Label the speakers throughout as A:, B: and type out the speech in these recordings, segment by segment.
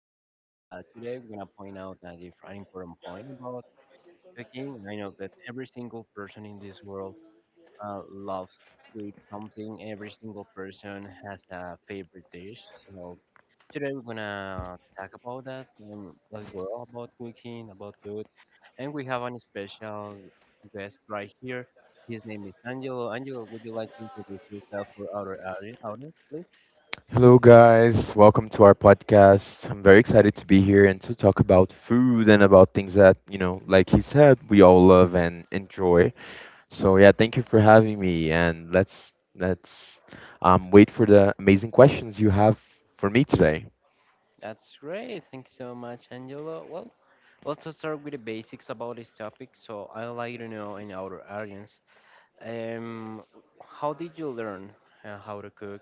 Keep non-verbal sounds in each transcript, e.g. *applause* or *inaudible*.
A: podcast. Today, we're going to point out that if an important point about cooking. I know that every single person in this world loves to eat something. Every single person has a favorite dish. So today, we're going to talk about that, like we're all about cooking, about food, and we have an special guest right here. His name is Angelo. Angelo, would you like to introduce yourself for our audience, please?
B: Hello, guys. Welcome to our podcast. I'm very excited to be here and to talk about food and about things that, you know, like he said, we all love and enjoy. So yeah, thank you for having me, and let's wait for the amazing questions you have for me today.
A: That's great. Thank you so much, Angela. Well, let's just start with the basics about this topic. So I'd like to know in our audience, um, how did you learn how to cook?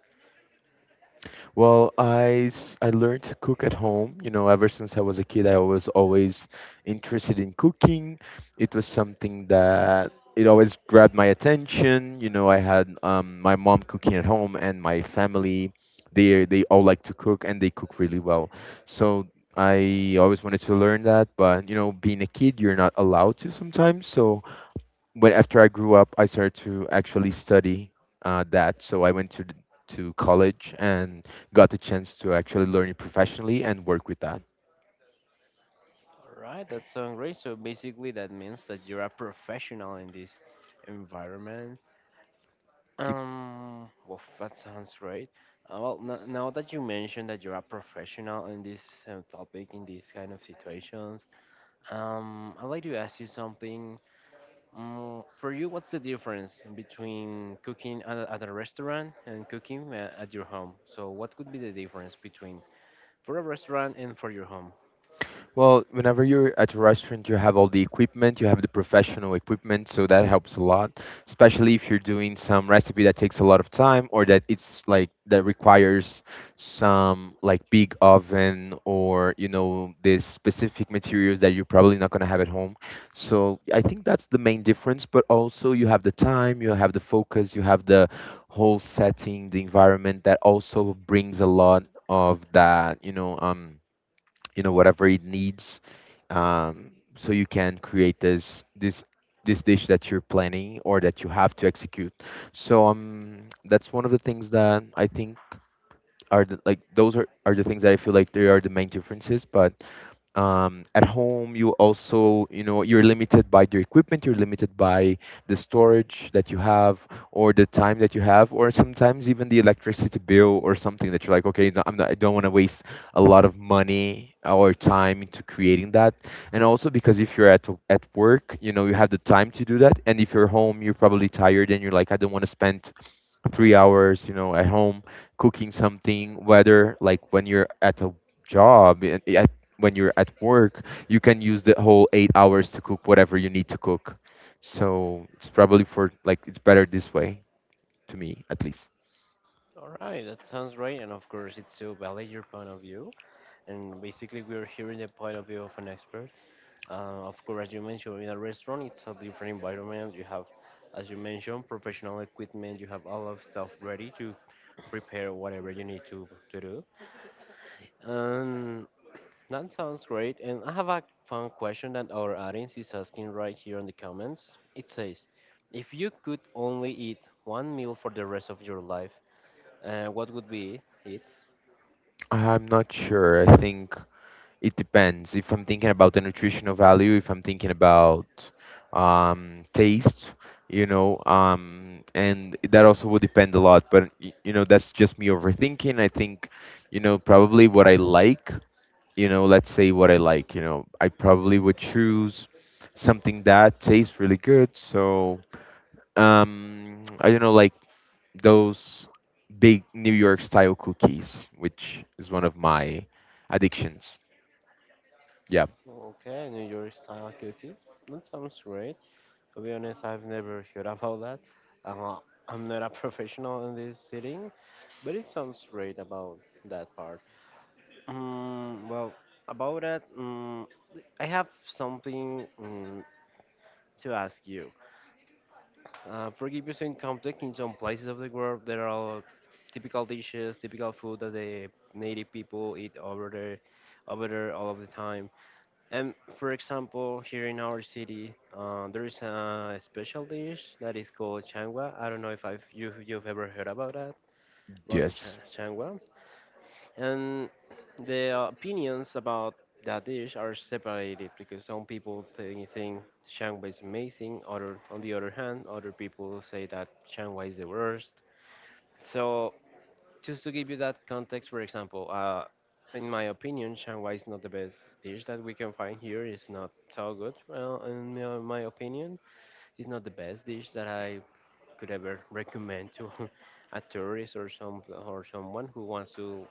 B: Well, I learned to cook at home. You know, ever since I was a kid, I was always interested in cooking. It was something that it always grabbed my attention. You know, I had my mom cooking at home and my family. They all like to cook and they cook really well. So I always wanted to learn that, but you know, being a kid, you're not allowed to sometimes. So but after I grew up, I started to actually study that. So I went to to college and got the chance to actually learn it professionally and work with that.
A: All right, that's sounds great. So basically, that means that you're a professional in this environment. Well, that sounds great. Now that you mentioned that you're a professional in this topic, in these kind of situations, I'd like to ask you something. For you, what's the difference between cooking at a restaurant and cooking at your home? So, what could be the difference between for a restaurant and for your home?
B: Well, whenever you're at a restaurant, you have all the equipment, you have the professional equipment, so that helps a lot, especially if you're doing some recipe that takes a lot of time or that it's like that requires some like big oven or you know these specific materials that you're probably not going to have at home. So I think that's the main difference, but also you have the time, you have the focus, you have the whole setting, the environment that also brings a lot of that, you know whatever it needs. So you can create this this dish that you're planning or that you have to execute. So that's one of the things that I think are the, are the things that I feel like they are the main differences. But at home you also, you know, you're limited by your equipment, you're limited by the storage that you have or the time that you have, or sometimes even the electricity bill or something that you're like, okay, I don't want to waste a lot of money or time into creating that. And also because if you're at work, you know, you have the time to do that, and if you're home, you're probably tired and you're like, I don't want to spend 3 hours, you know, at home cooking something. Whether like when you're at a job and I when you're at work, you can use the whole 8 hours to cook whatever you need to cook. So it's probably for like it's better this way, to me at least.
A: All right, that sounds right, and of course, it's to valid your point of view. And basically, we're hearing the point of view of an expert. Of course, as you mentioned, in a restaurant, it's a different environment. You have, as you mentioned, professional equipment. You have all of stuff ready to prepare whatever you need to do. Um, That sounds great. And I have a fun question that our audience is asking right here in the comments. It says, if you could only eat one meal for the rest of your life, what would be it?
B: I'm not sure. I think it depends. If I'm thinking about the nutritional value, if I'm thinking about taste, you know, and that also will depend a lot. But you know, that's just me overthinking. I think, you know, probably what I like, you know, let's say what I like, you know, I probably would choose something that tastes really good. So, I don't know, like those big New York style cookies, which is one of my addictions. Yeah,
A: Okay, New York style cookies. That sounds great. To be honest, I've never *laughs* heard about that. Uh, I'm not a *laughs* professional in this sitting, but it sounds great about that part. Um, well, about that, um, I have something to ask you. For give in some context, in some places of the world, there are typical dishes, typical food that the native people eat over there all of the time. And for example, here in our city, there is a special dish that is called changua. I don't know if you, you've ever heard about that, about
B: yes.
A: changua, and the opinions about that dish are separated because some people think Shangwai is amazing, other on the other hand, other people say that Shangwai is the worst. So just to give you that context, for example, in my opinion, Shangwai is not the best dish that we can find here. It's not so good. Well, in my opinion, it's not the best dish that I could ever recommend to *laughs* a tourist or someone who wants to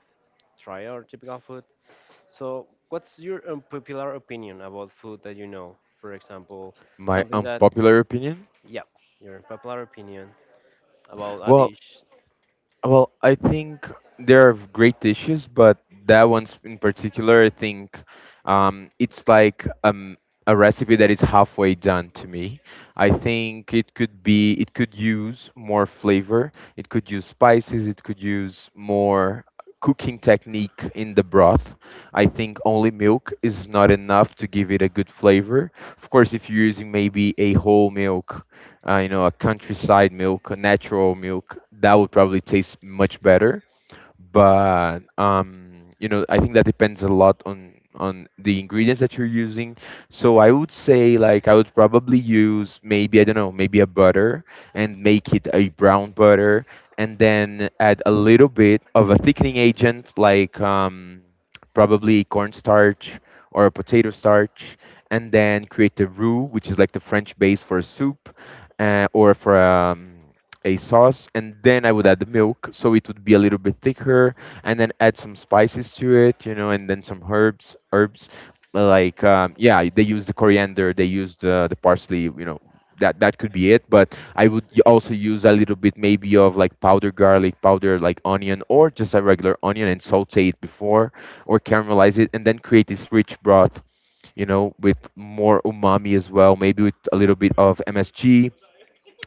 A: try our typical food. So, what's your unpopular opinion about food that you know? For example,
B: My
A: something that,
B: unpopular opinion?
A: yeah, your unpopular opinion about a
B: Well,
A: dish.
B: I think there are great dishes, but that one's in particular, I think it's like a recipe that is halfway done to me. I think it could use more flavor, it could use spices, it could use more cooking technique in the broth. I think only milk is not enough to give it a good flavor. Of course, if you're using maybe a whole milk, you know, a countryside milk, a natural milk, that would probably taste much better. But you know, I think that depends a lot on the ingredients that you're using. So I would say, like, I would probably use maybe, I don't know, maybe a butter and make it a brown butter, and then add a little bit of a thickening agent like probably cornstarch or a potato starch, and then create the roux, which is like the French base for a soup or for a sauce. And then I would add the milk so it would be a little bit thicker, and then add some spices to it, you know, and then some herbs, like yeah, they use the coriander, they use the parsley, you know. That could be it, but I would also use a little bit maybe of like powder garlic, powder like onion, or just a regular onion, and saute it before or caramelize it, and then create this rich broth, you know, with more umami as well, maybe with a little bit of MSG,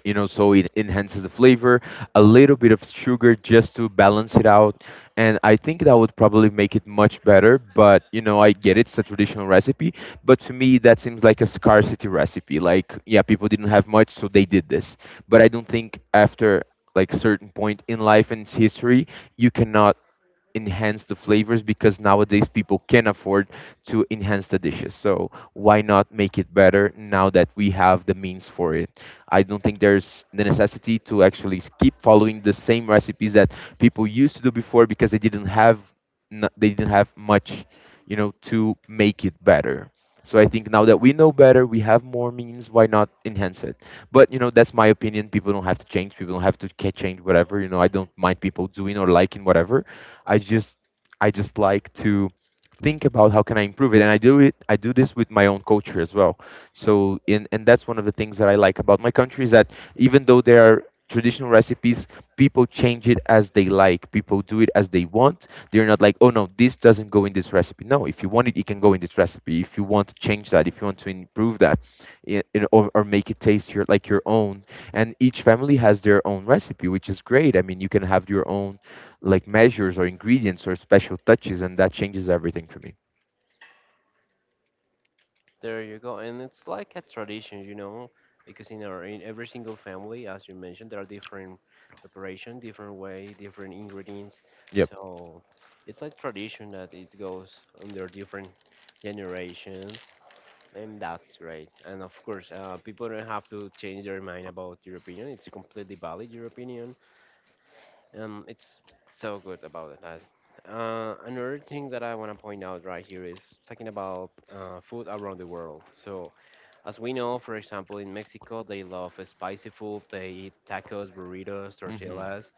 B: you know, so it enhances the flavor. A little bit of sugar just to balance it out. And I think that would probably make it much better, but you know, I get it's a traditional recipe. But to me, that seems like a scarcity recipe, like yeah, people didn't have much, so they did this. But I don't think after like certain point in life and its history you cannot enhance the flavors, because nowadays people can afford to enhance the dishes. So why not make it better now that we have the means for it? I don't think there's the necessity to actually keep following the same recipes that people used to do before, because they didn't have they didn't have much, you know, to make it better. So I think now that we know better, we have more means. Why not enhance it? But you know, that's my opinion. People don't have to change. People don't have to change whatever. You know, I don't mind people doing or liking whatever. I just I just like to think about how can I improve it, and I do it. I do this with my own culture as well. So, and that's one of the things that I like about my country is that, even though there are traditional recipes, people change it as they like. People do it as they want. They're not like, oh no, this doesn't go in this recipe. No, if you want it, it can go in this recipe. If you want to change that, if you want to improve that, you know, or make it taste your like your own. And each family has their own recipe, which is great. I mean, you can have your own like measures or ingredients or special touches, and that changes everything for me.
A: There you go. And it's like a tradition, you know, because in our in every single family, as you mentioned, there are different preparation, different way, different ingredients.
B: Yep.
A: So, it's like tradition that it goes under different generations. And that's great. And of course, people don't have to change their mind about your opinion. It's completely valid, your opinion. And it's so good about that. Another thing that I want to point out right here is talking about food around the world. So, as we know, for example, in Mexico, they love spicy food. They eat tacos, burritos,
B: Hmm.
A: tortillas.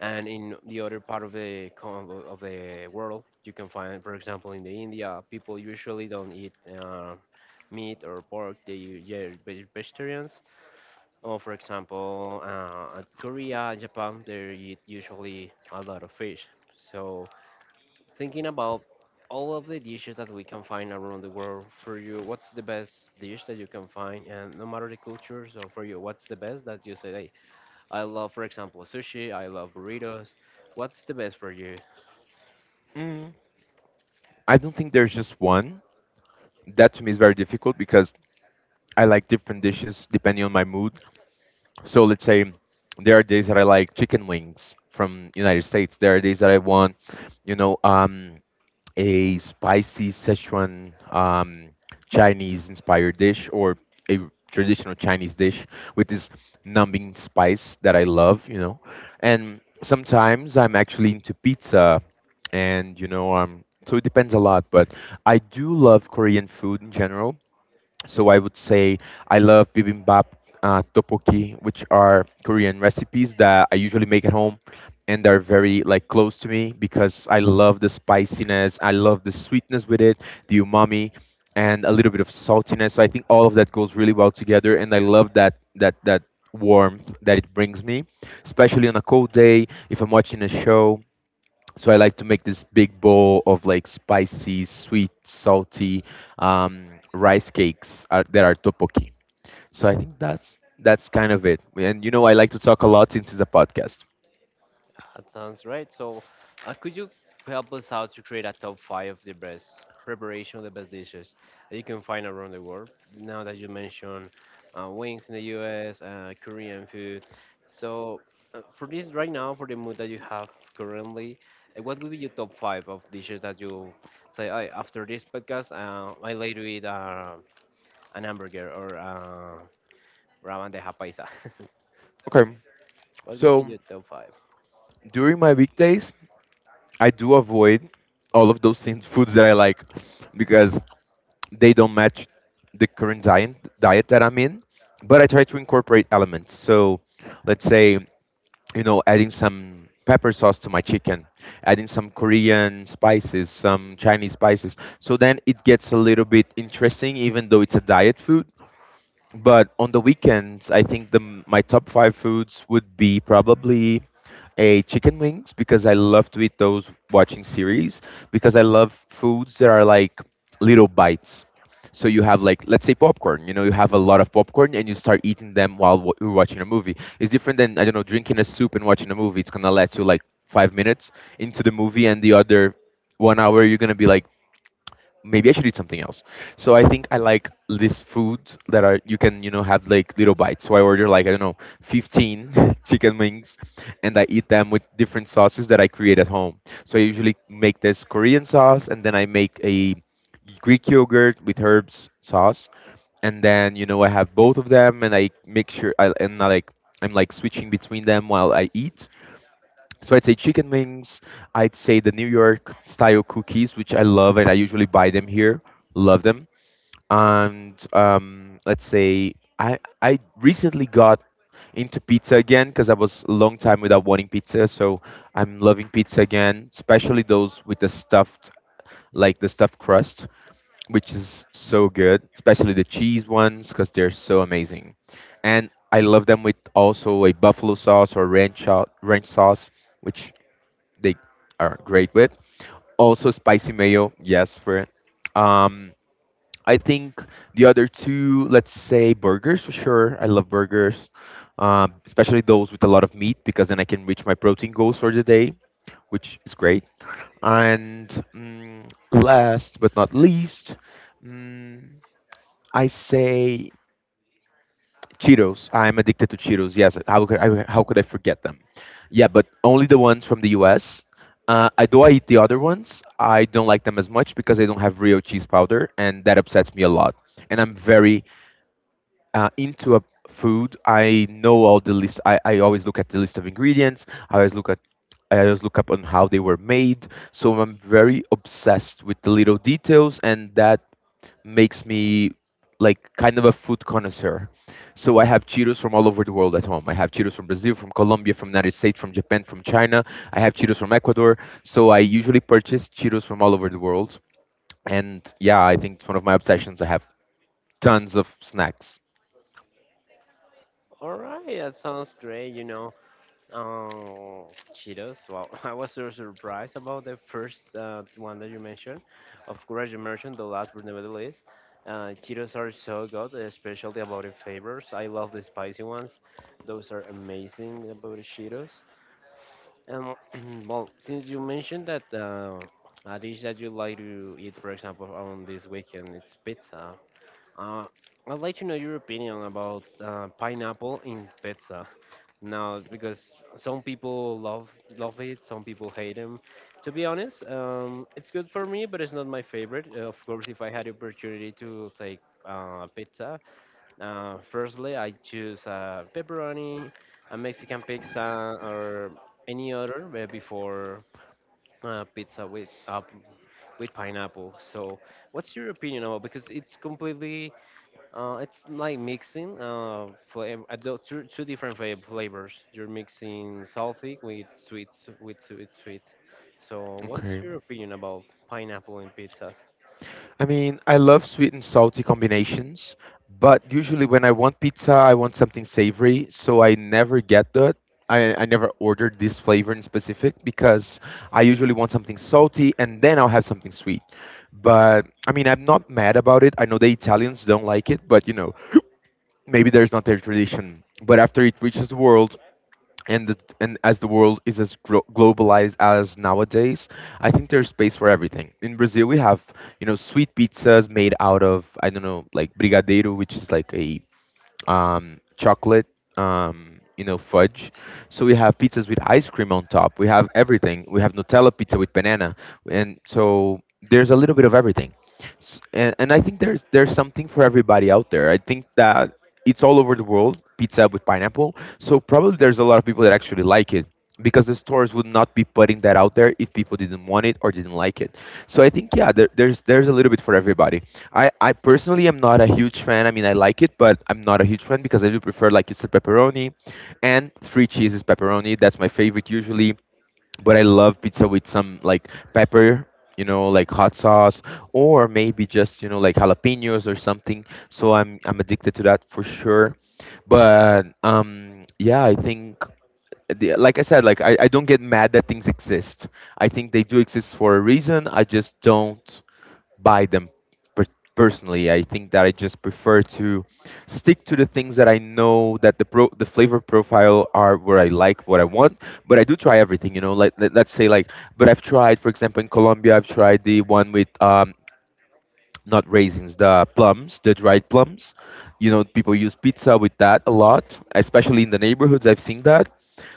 A: And in the other part of the of the world, you can find, for example, in the india, people usually don't eat meat or pork. They are vegetarians. Or for example, at korea, japan, they eat usually a lot of fish. So thinking about all of the dishes that we can find around the world, for you, what's the best dish that you can find, and no matter the culture? So for you, what's the best that you say, "Hey, I love, for example, sushi. I love burritos. What's the best for you?"
B: Mm. I don't think there's just one. That to me is very difficult because I like different dishes depending on my mood. So let's say there are days that I like chicken wings from United States. There are days that I want, you know, a spicy Sichuan, Chinese inspired dish, or a traditional Chinese dish with this numbing spice that I love, you know. And sometimes I'm actually into pizza, and you know, so it depends a lot. But I do love Korean food in general. So I would say I love bibimbap, tteokbokki, which are Korean recipes that I usually make at home, and they're very like close to me because I love the spiciness, I love the sweetness with it, the umami, and a little bit of saltiness. So I think all of that goes really well together, and I love that that warmth that it brings me, especially on a cold day if I'm watching a show. So I like to make this big bowl of like spicy, sweet, salty, um, rice cakes that are tteokbokki. So I think that's kind of it. And you know, I like to talk a lot since it's a podcast.
A: That sounds right. So, could you help us out to create a top five of the best preparation of the best dishes that you can find around the world? Now that you mentioned wings in the U.S., Korean food. So, for this right now, for the mood that you have currently, what would be your top five of dishes that you say I, after this podcast? I like to eat an hamburger or ramen de japaisa. *laughs*
B: Okay,
A: What would be
B: so
A: your top five?
B: during my weekdays, I do avoid all of those things, foods that I like, because they don't match the current diet that I'm in. But I try to incorporate elements. So let's say, you know, adding some pepper sauce to my chicken, adding some Korean spices, some Chinese spices. So then it gets a little bit interesting, even though it's a diet food. But on the weekends, I think my top five foods would be probably a chicken wings, because I love to eat those watching series, because I love foods that are like little bites. So you have like, let's say, popcorn, you know, you have a lot of popcorn and you start eating them while you're watching a movie. It's different than, I don't know, drinking a soup and watching a movie. It's gonna last you like 5 minutes into the movie, and the other 1 hour you're gonna be like, maybe I should eat something else. So I think I like these foods that are you can, you know, have like little bites. So I order like I don't know 15 *laughs* chicken wings, and I eat them with different sauces that I create at home. So I usually make this Korean sauce, and then I make a Greek yogurt with herbs sauce, and then you know I have both of them, and I make sure I like I'm like switching between them while I eat. So I'd say chicken wings. I'd say the New York style cookies, which I love, and I usually buy them here. Love them. And let's say I recently got into pizza again because I was a long time without wanting pizza. So I'm loving pizza again, especially those with the stuffed, like the stuffed crust, which is so good, especially the cheese ones because they're so amazing. And I love them with also a buffalo sauce or ranch, ranch sauce, which they are great with. Also spicy mayo, yes, for um I think the other two, let's say burgers for sure. I love burgers, especially those with a lot of meat because then I can reach my protein goals for the day, which is great. And last but not least, mm, I say Cheetos. I'm addicted to Cheetos. Yes, how could I forget them? Yeah, but only the ones from the U.S. I eat the other ones. I don't like them as much because they don't have real cheese powder, and that upsets me a lot. And I'm very into a food. I know all the list. I always look at the list of ingredients. I always look at I always look up on how they were made. So I'm very obsessed with the little details, and that makes me like kind of a food connoisseur. So I have Cheetos from all over the world at home. I have Cheetos from Brazil, from Colombia, from United States, from Japan, from China. I have Cheetos from Ecuador. So I usually purchase Cheetos from all over the world. And yeah, I think it's one of my obsessions. I have tons of snacks.
A: All right, that sounds great. You know, um, Cheetos. Well, *laughs* I was so surprised about the first one that you mentioned. Of course, you mentioned the last but not the least. Cheetos are so good, especially about the flavors. I love the spicy ones. Those are amazing about the Cheetos. And *clears throat* well, since you mentioned that a dish that you like to eat, for example, on this weekend, it's pizza. Uh, I'd like to know your opinion about pineapple in pizza. Now, because some people love it, some people hate them. To be honest, it's good for me, but it's not my favorite. Of course, if I had the opportunity to take pizza, firstly I choose pepperoni, a Mexican pizza, or any other before pizza with pineapple. So, what's your opinion about? Because it's completely it's like mixing flavor, two different flavors. You're mixing salty with sweet, sweet. So, what's
B: Okay.
A: your opinion about pineapple in pizza?
B: I mean, I love sweet and salty combinations, but usually when I want pizza, I want something savory, so I never get that. I never ordered this flavor in specific because I usually want something salty and then I'll have something sweet. But I mean, I'm not mad about it. I know the Italians don't like it, but you know, *clears throat* maybe there's not their tradition. But after it reaches the world, and as the world is as globalized as nowadays, I think there's space for everything. In Brazil, we have you know sweet pizzas made out of I don't know like brigadeiro, which is like a chocolate, you know, fudge. So we have pizzas with ice cream on top. We have everything. We have Nutella pizza with banana, and so there's a little bit of everything. And I think there's something for everybody out there. I think that it's all over the world pizza with pineapple. So probably there's a lot of people that actually like it because the stores would not be putting that out there if people didn't want it or didn't like it. So I think yeah, there's a little bit for everybody. I personally am not a huge fan. I mean, I like it, but I'm not a huge fan because I do prefer, like you said, pepperoni and three cheeses pepperoni. That's my favorite usually. But I love pizza with some like pepper, you know, like hot sauce, or maybe just you know like jalapenos or something. So I'm addicted to that for sure. But yeah, I think the, like I said, like I don't get mad that things exist. I think they do exist for a reason. I just don't buy them per- personally. I think that I just prefer to stick to the things that I know that the the flavor profile are where I like what I want. But I do try everything, you know. Like let, let's say like, but I've tried, for example, in Colombia, I've tried the one with not raisins, the plums, the dried plums. You know, people use pizza with that a lot, especially in the neighborhoods. I've seen that,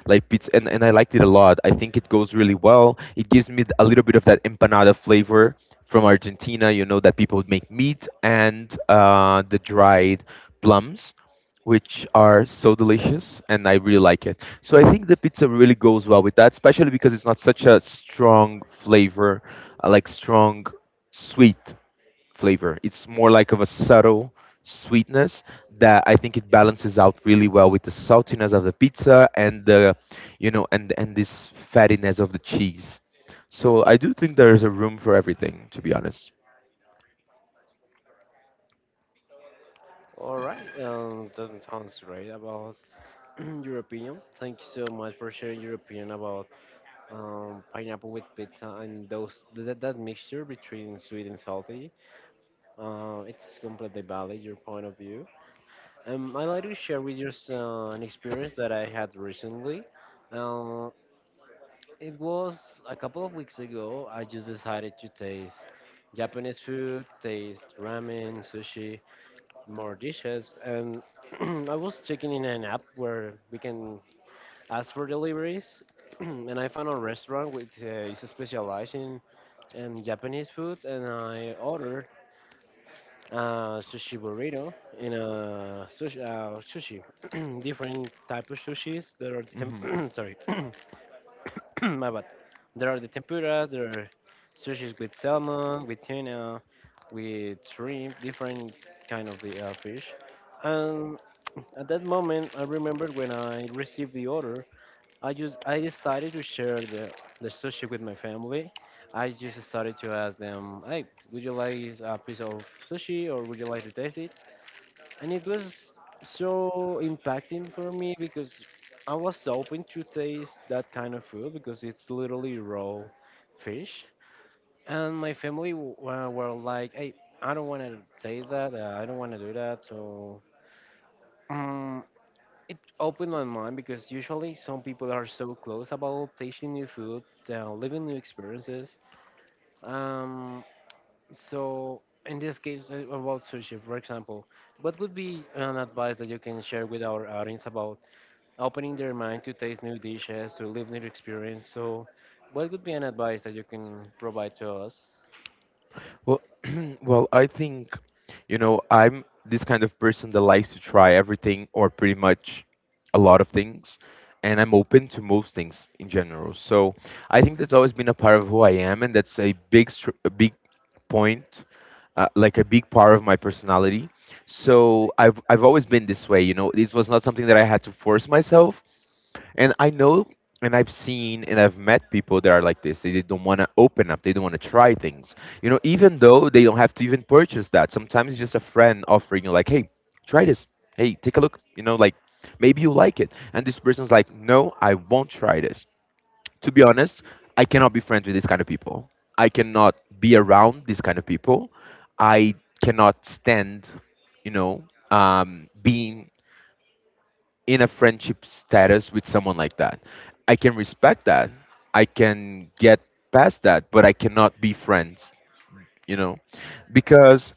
B: like pizza, and I liked it a lot. I think it goes really well. It gives me a little bit of that empanada flavor from Argentina. You know that people make meat and the dried plums, which are so delicious, and I really like it. So I think the pizza really goes well with that, especially because it's not such a strong flavor, like strong sweet flavor. It's more like of a subtle sweetness that I think it balances out really well with the saltiness of the pizza and the, you know, and this fattiness of the cheese. So I do think there is a room for everything, to be honest.
A: All right, that sounds great about *clears throat* your opinion. Thank you so much for sharing your opinion about pineapple with pizza and that mixture between sweet and salty. It's completely valid your point of view. I'd like to share with you an experience that I had recently. Uh, it was a couple of weeks ago. I just decided to taste Japanese food, taste ramen, sushi, more dishes, and *clears throat* I was checking in an app where we can ask for deliveries. *clears throat* And I found a restaurant which is specialized in Japanese food, and I ordered sushi burrito in a sushi. *clears throat* Different type of sushis. There are the
B: Hmm.
A: *clears throat* sorry, *clears throat* my bad. There are the tempuras. There are sushis with salmon, with tuna, with shrimp, different kind of the fish. And at that moment, I remember when I received the order. I decided to share the sushi with my family. I just started to ask them, "Hey, would you like a piece of sushi, or would you like to taste it?" And it was so impacting for me because I was open to taste that kind of food because it's literally raw fish, and my family were like, "Hey, I don't want to taste that. I don't want to do that." So um, it opened my mind because usually some people are so close about tasting new food, living new experiences. Um, so in this case, about sushi, for example, what would be an advice that you can share with our audience about opening their mind to taste new dishes, to live new experience? So, what would be an advice that you can provide to us?
B: Well, *clears throat* well, I think, you know, I'm this kind of person that likes to try everything or pretty much a lot of things, and I'm open to most things in general. So I think that's always been a part of who I am, and that's a big, a big point, like a big part of my personality. So I've always been this way, you know. This was not something that I had to force myself. And I know and I've seen and I've met people that are like this. They don't want to open up. They don't want to try things. You know, even though they don't have to even purchase that. Sometimes it's just a friend offering you like, "Hey, try this. Hey, take a look." You know, like maybe you like it. And this person's like, "No, I won't try this." To be honest, I cannot be friends with these kind of people. I cannot be around these kind of people. I cannot stand, you know, being in a friendship status with someone like that. I can respect that. I can get past that, but I cannot be friends, you know, because,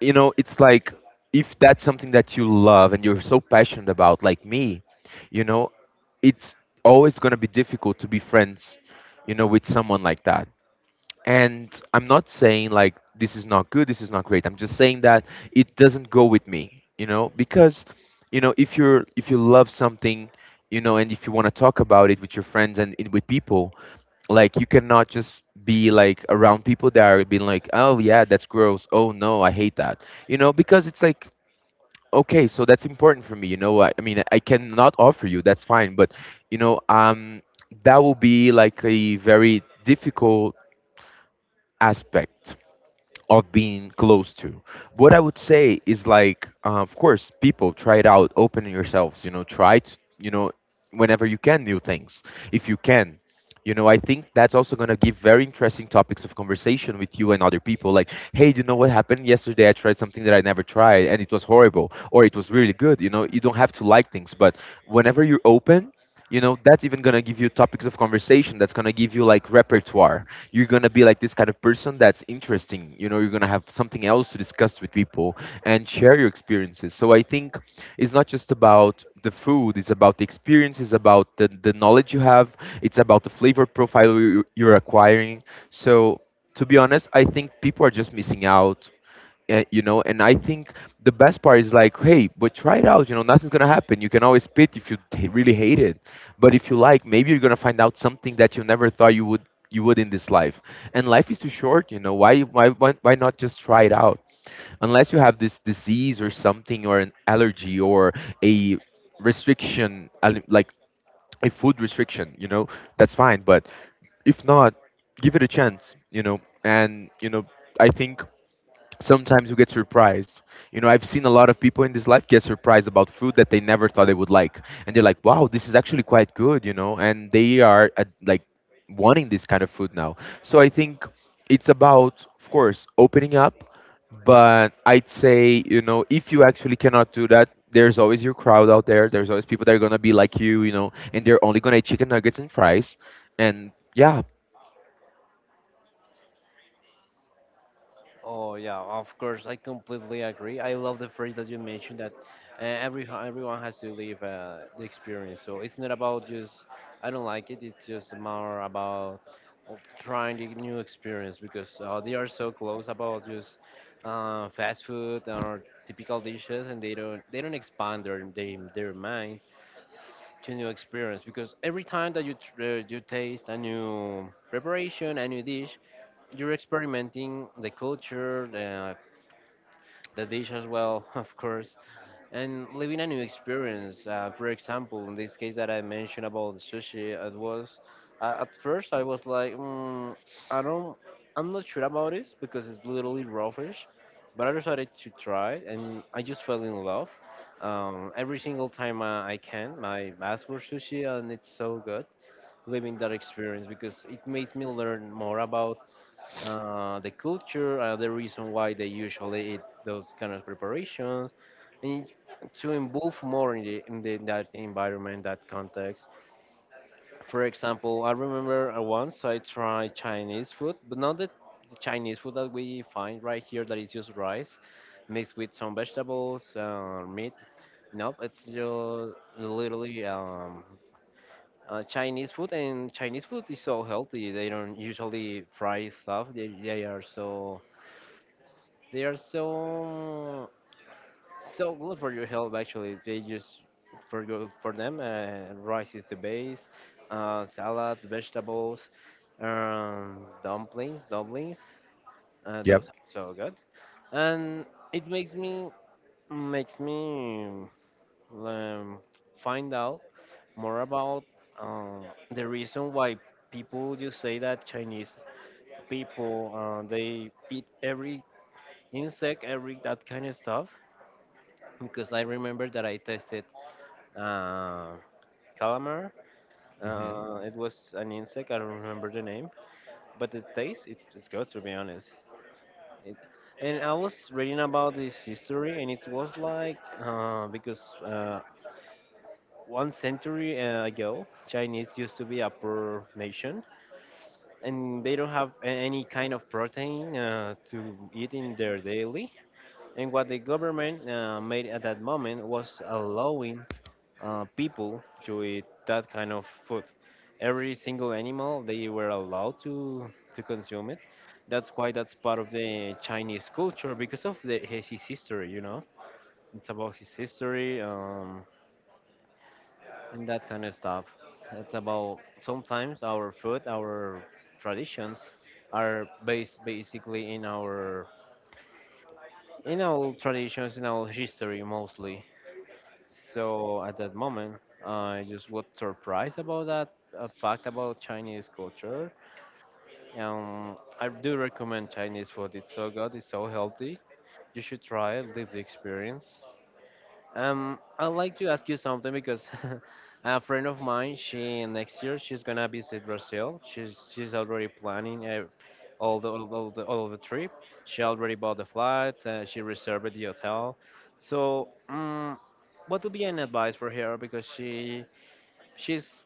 B: you know, it's like if that's something that you love and you're so passionate about, like me, you know, it's always going to be difficult to be friends you know, with someone like that, and I'm not saying like this is not good, this is not great. I'm just saying that it doesn't go with me, you know, because, you know, if you're if you love something, you know, and if you want to talk about it with your friends with people, like you cannot just be like around people that are being like, oh yeah that's gross, oh no I hate that, you know, because it's like okay, so that's important for me, you know, I mean I cannot offer you that's fine but, you know, that will be like a very difficult aspect of being close to. What I would say is like, of course, people try it out, open yourselves, you know, try to, you know, whenever you can, new things, if you can. You know, I think that's also going to give very interesting topics of conversation with you and other people. Like, hey, you know what happened yesterday? I tried something that I never tried and it was horrible or it was really good. You know, you don't have to like things, but whenever you're open, you know, that's even going to give you topics of conversation. That's going to give you like repertoire. You're gonna be like this kind of person that's interesting. You know, you're gonna have something else to discuss with people and share your experiences. So I think it's not just about the food; it's about the experience, it's about the knowledge you have, it's about the flavor profile you're acquiring. So to be honest, I think people are just missing out you know, and I think the best part is like, hey, but try it out, you know, nothing's gonna happen. You can always spit if you really hate it, but if you like maybe you're gonna find out something that you never thought you would in this life, and life is too short, you know, why not just try it out unless you have this disease or something or an allergy or a restriction like a food restriction, you know, that's fine, but if not, give it a chance, you know, and you know, I think sometimes you get surprised. You know, I've seen a lot of people in this life get surprised about food that they never thought they would like, and they're like, "Wow, this is actually quite good," you know, and they are like wanting this kind of food now. So I think it's about, of course, opening up, but I'd say, you know, if you actually cannot do that, there's always your crowd out there. There's always people that are gonna be like you know, and they're only gonna eat chicken nuggets and fries, and yeah.
A: Oh yeah, of course, I completely agree. I love the phrase that you mentioned that everyone has to live the experience. So it's not about just I don't like it. It's just more about uh, trying the new experience because they are so close about just fast food or typical dishes, and they don't expand their mind to new experience because every time that you taste a new preparation, a new dish, you're experimenting the culture, the dish as well, *laughs* of course, and living a new experience. For example, in this case that I mentioned about the sushi, it was at first I was like, I don't, I'm not sure about this because it's literally raw fish, but I decided to try it and I just fell in love. Every single time I ask for sushi and it's so good living that experience because it makes me learn more about the culture, the reason why they usually eat those kind of preparations, and to involve more in the, that environment, that context. For example, I remember once I tried Chinese food, but not the Chinese food that we find right here that is just rice mixed with some vegetables meat. Nope, it's just literally Chinese food, and Chinese food is so healthy. They don't usually fry stuff. They are so so good for your health. Actually, they just for go for them. Rice is the base. Salads, vegetables, dumplings, dumplings.
B: Yep.
A: Those are so good, and it makes me um, find out more about, um, the reason why people just say that Chinese people they eat every insect, every that kind of stuff, because I remember that I tested uh, calamar.
B: Mhm.
A: It was an insect. I don't remember the name, but the taste, it's good to be honest. It, and I was reading about this history, and it was like because one century ago, Chinese used to be a poor nation, and they don't have any kind of protein to eat in their daily. And what the government made at that moment was allowing people to eat that kind of food. Every single animal they were allowed to consume it. That's why that's part of the Chinese culture because of the his history. You know, it's about his history, and that kind of stuff. It's about sometimes our food, our traditions are based basically in our traditions, in our history mostly. So at that moment, I just was surprised about that fact about Chinese culture. I do recommend Chinese food. It's so good. It's so healthy. You should try it. Live the experience. I'd like to ask you something because *laughs* a friend of mine, she next year she's gonna visit Brazil. She's already planning all the all the trip. She already bought the flights. She reserved the hotel. So, what would be an advice for her because she she's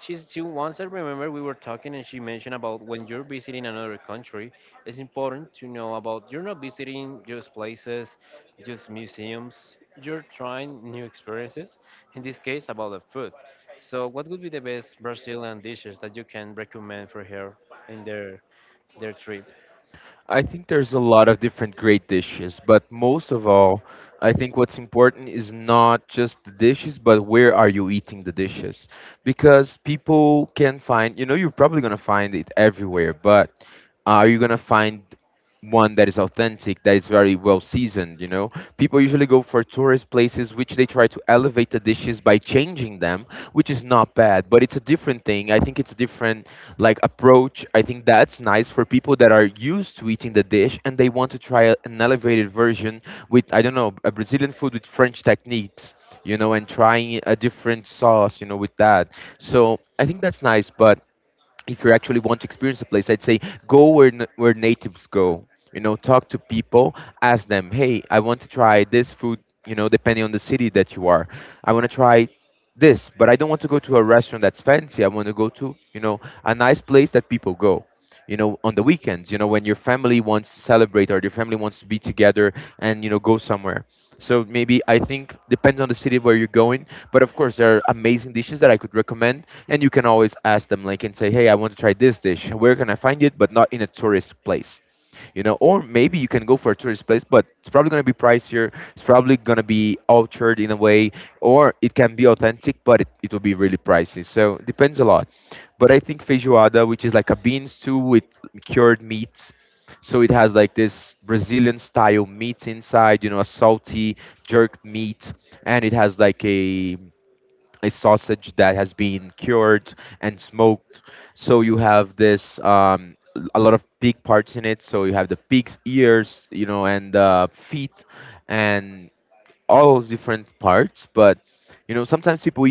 A: she's she once I remember we were talking and she mentioned about when you're visiting another country, it's important to know about you're not visiting just places, just museums. You're trying new experiences. In this case, about the food. So, what would be the best Brazilian dishes that you can recommend for her in their trip?
B: I think there's a lot of different great dishes, but most of all, I think what's important is not just the dishes, but where are you eating the dishes? Because people can find, you know, you're probably going to find it everywhere, but are you going to find one that is authentic, that is very well seasoned, you know? People usually go for tourist places which they try to elevate the dishes by changing them, which is not bad, but it's a different thing. I think it's a different like approach. I think that's nice for people that are used to eating the dish and they want to try an elevated version with I don't know a Brazilian food with French techniques, you know, and trying a different sauce, you know, with that. So I think that's nice, but if you actually want to experience a place, I'd say go where where natives go. You know, talk to people, ask them, hey, I want to try this food. You know, depending on the city that you are, I want to try this, but I don't want to go to a restaurant that's fancy. I want to go to you know a nice place that people go. You know, on the weekends. You know, when your family wants to celebrate or your family wants to be together and you know go somewhere. So maybe I think depends on the city where you're going, but of course there are amazing dishes that I could recommend, and you can always ask them like and say, "Hey, I want to try this dish. Where can I find it?" But not in a tourist place, you know, or maybe you can go for a tourist place but it's probably going to be pricier, it's probably going to be altered in a way, or it can be authentic but it will be really pricey, so it depends a lot. But I think feijoada, which is like a bean stew with cured meats, so it has like this Brazilian style meat inside, you know, a salty jerked meat, and it has like a sausage that has been cured and smoked. So you have this a lot of pig parts in it. So you have the pig's ears, you know, and feet, and all different parts. But you know, sometimes people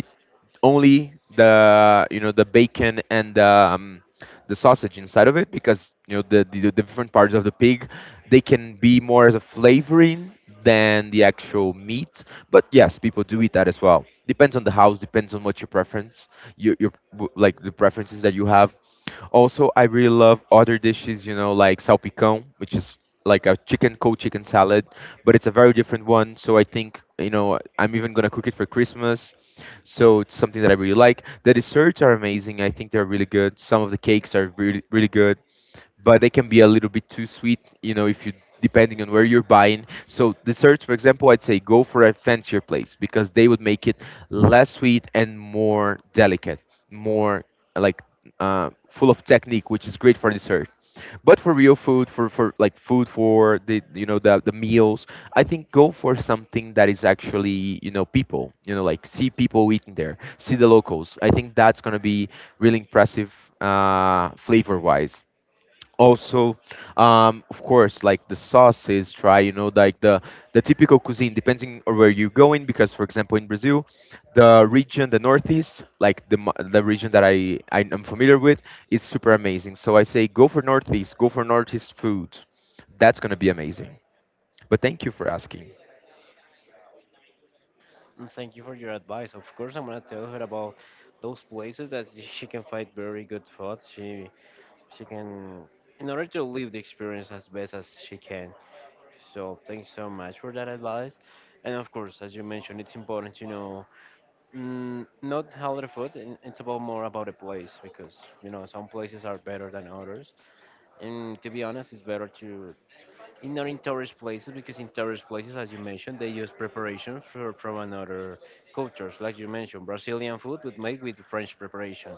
B: only the you know the bacon and the the sausage inside of it because you know the different parts of the pig, they can be more as a flavoring than the actual meat. But yes, people do eat that as well. Depends on the house. Depends on what your preference, like the preferences that you have. Also, I really love other dishes, you know, like salpicón, which is like a chicken cold chicken salad, but it's a very different one. So I think, you know, I'm even gonna cook it for Christmas. So it's something that I really like. The desserts are amazing. I think they're really good. Some of the cakes are really really good, but they can be a little bit too sweet, you know, if you, depending on where you're buying. So desserts, for example, I'd say go for a fancier place because they would make it less sweet and more delicate, more like full of technique, which is great for dessert. But for real food, for like food for the you know the meals, I think go for something that is actually you know people, you know, like see people eating there, see the locals. I think that's gonna be really impressive flavor wise. Also, of course like the sauces, try you know like the typical cuisine depending on where you're going, because for example in Brazil the region, the northeast, like the region that I am familiar with is super amazing, so I say go for northeast, go for northeast food. That's going to be amazing. But thank you for asking.
A: And thank you for your advice. Of course, I'm gonna tell her about those places that she can find very good food. She can in order to live the experience as best as she can, so thanks so much for that advice. And of course, as you mentioned, it's important to know, mm, not how the food and it's about more about the place because you know some places are better than others, and to be honest it's better to in not in tourist places because in tourist places, as you mentioned, they use preparations for, from another cultures, like you mentioned Brazilian food would made with French preparation.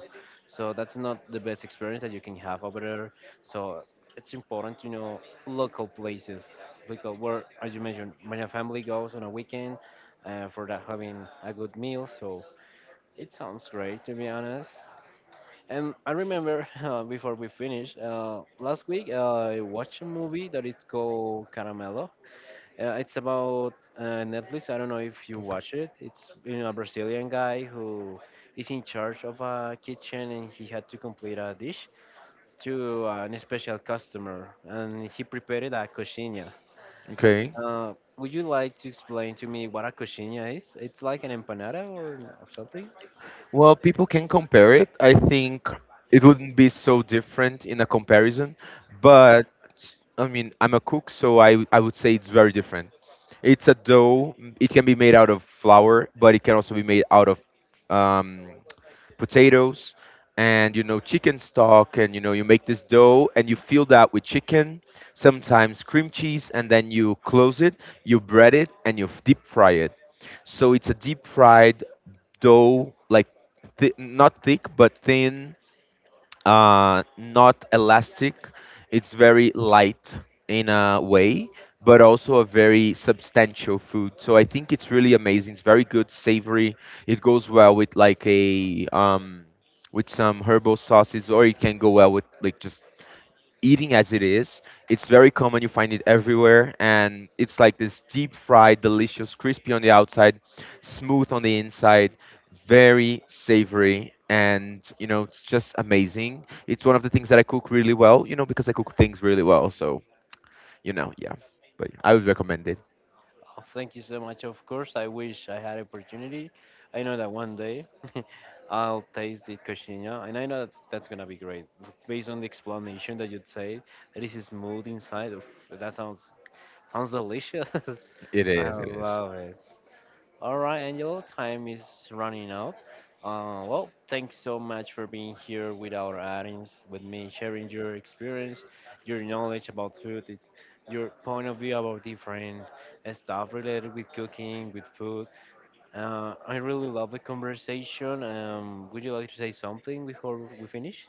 A: So that's not the best experience that you can have over there. So it's important to know local places, local where, as you mentioned, when a family goes on a weekend for that having a good meal. So it sounds great to be honest. And I remember *laughs* before we finish last week, I watched a movie that is called Caramello. It's about Netflix. I don't know if you watch it. It's you know a Brazilian guy who is in charge of a kitchen and he had to complete a dish to an special customer and he prepared a coxinha.
B: Okay.
A: Would you like to explain to me what a coxinha is? It's like an empanada, or something?
B: Well, people can compare it. I think it wouldn't be so different in a comparison, but I mean, I'm a cook, so I would say it's very different. It's a dough. It can be made out of flour, but it can also be made out of um, potatoes and you know chicken stock, and you know you make this dough and you fill that with chicken, sometimes cream cheese, and then you close it, you bread it, and you deep fry it. So it's a deep fried dough, like not thick but thin, not elastic. It's very light in a way, but also a very substantial food. So I think it's really amazing. It's very good, savory. It goes well with like a with some herbal sauces, or it can go well with like just eating as it is. It's very common, you find it everywhere, and it's like this deep fried, delicious, crispy on the outside, smooth on the inside, very savory, and you know, it's just amazing. It's one of the things that I cook really well, you know, because I cook things really well, so you know, yeah. But I would recommend it.
A: Oh, thank you so much. Of course, I wish I had opportunity. I know that one day *laughs* I'll taste the cochinilla, and I know that's gonna be great. Based on the explanation that you say, that is smooth inside. Oof, that sounds delicious.
B: It
A: *laughs* I
B: is, it is.
A: love it. All right, Angel, time is running out. Well, thanks so much for being here with our audience, with me, sharing your experience, your knowledge about food, it- your point of view about different stuff related with cooking, with food. I really love the conversation. Would you like to say something before we finish?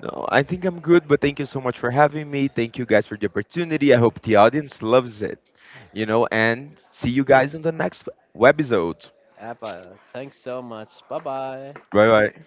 B: No, I think I'm good, but thank you so much for having me. Thank you guys for the opportunity. I hope the audience loves it, you know, and see you guys on the next webisode.
A: But thanks so much. Bye bye.
B: Bye bye.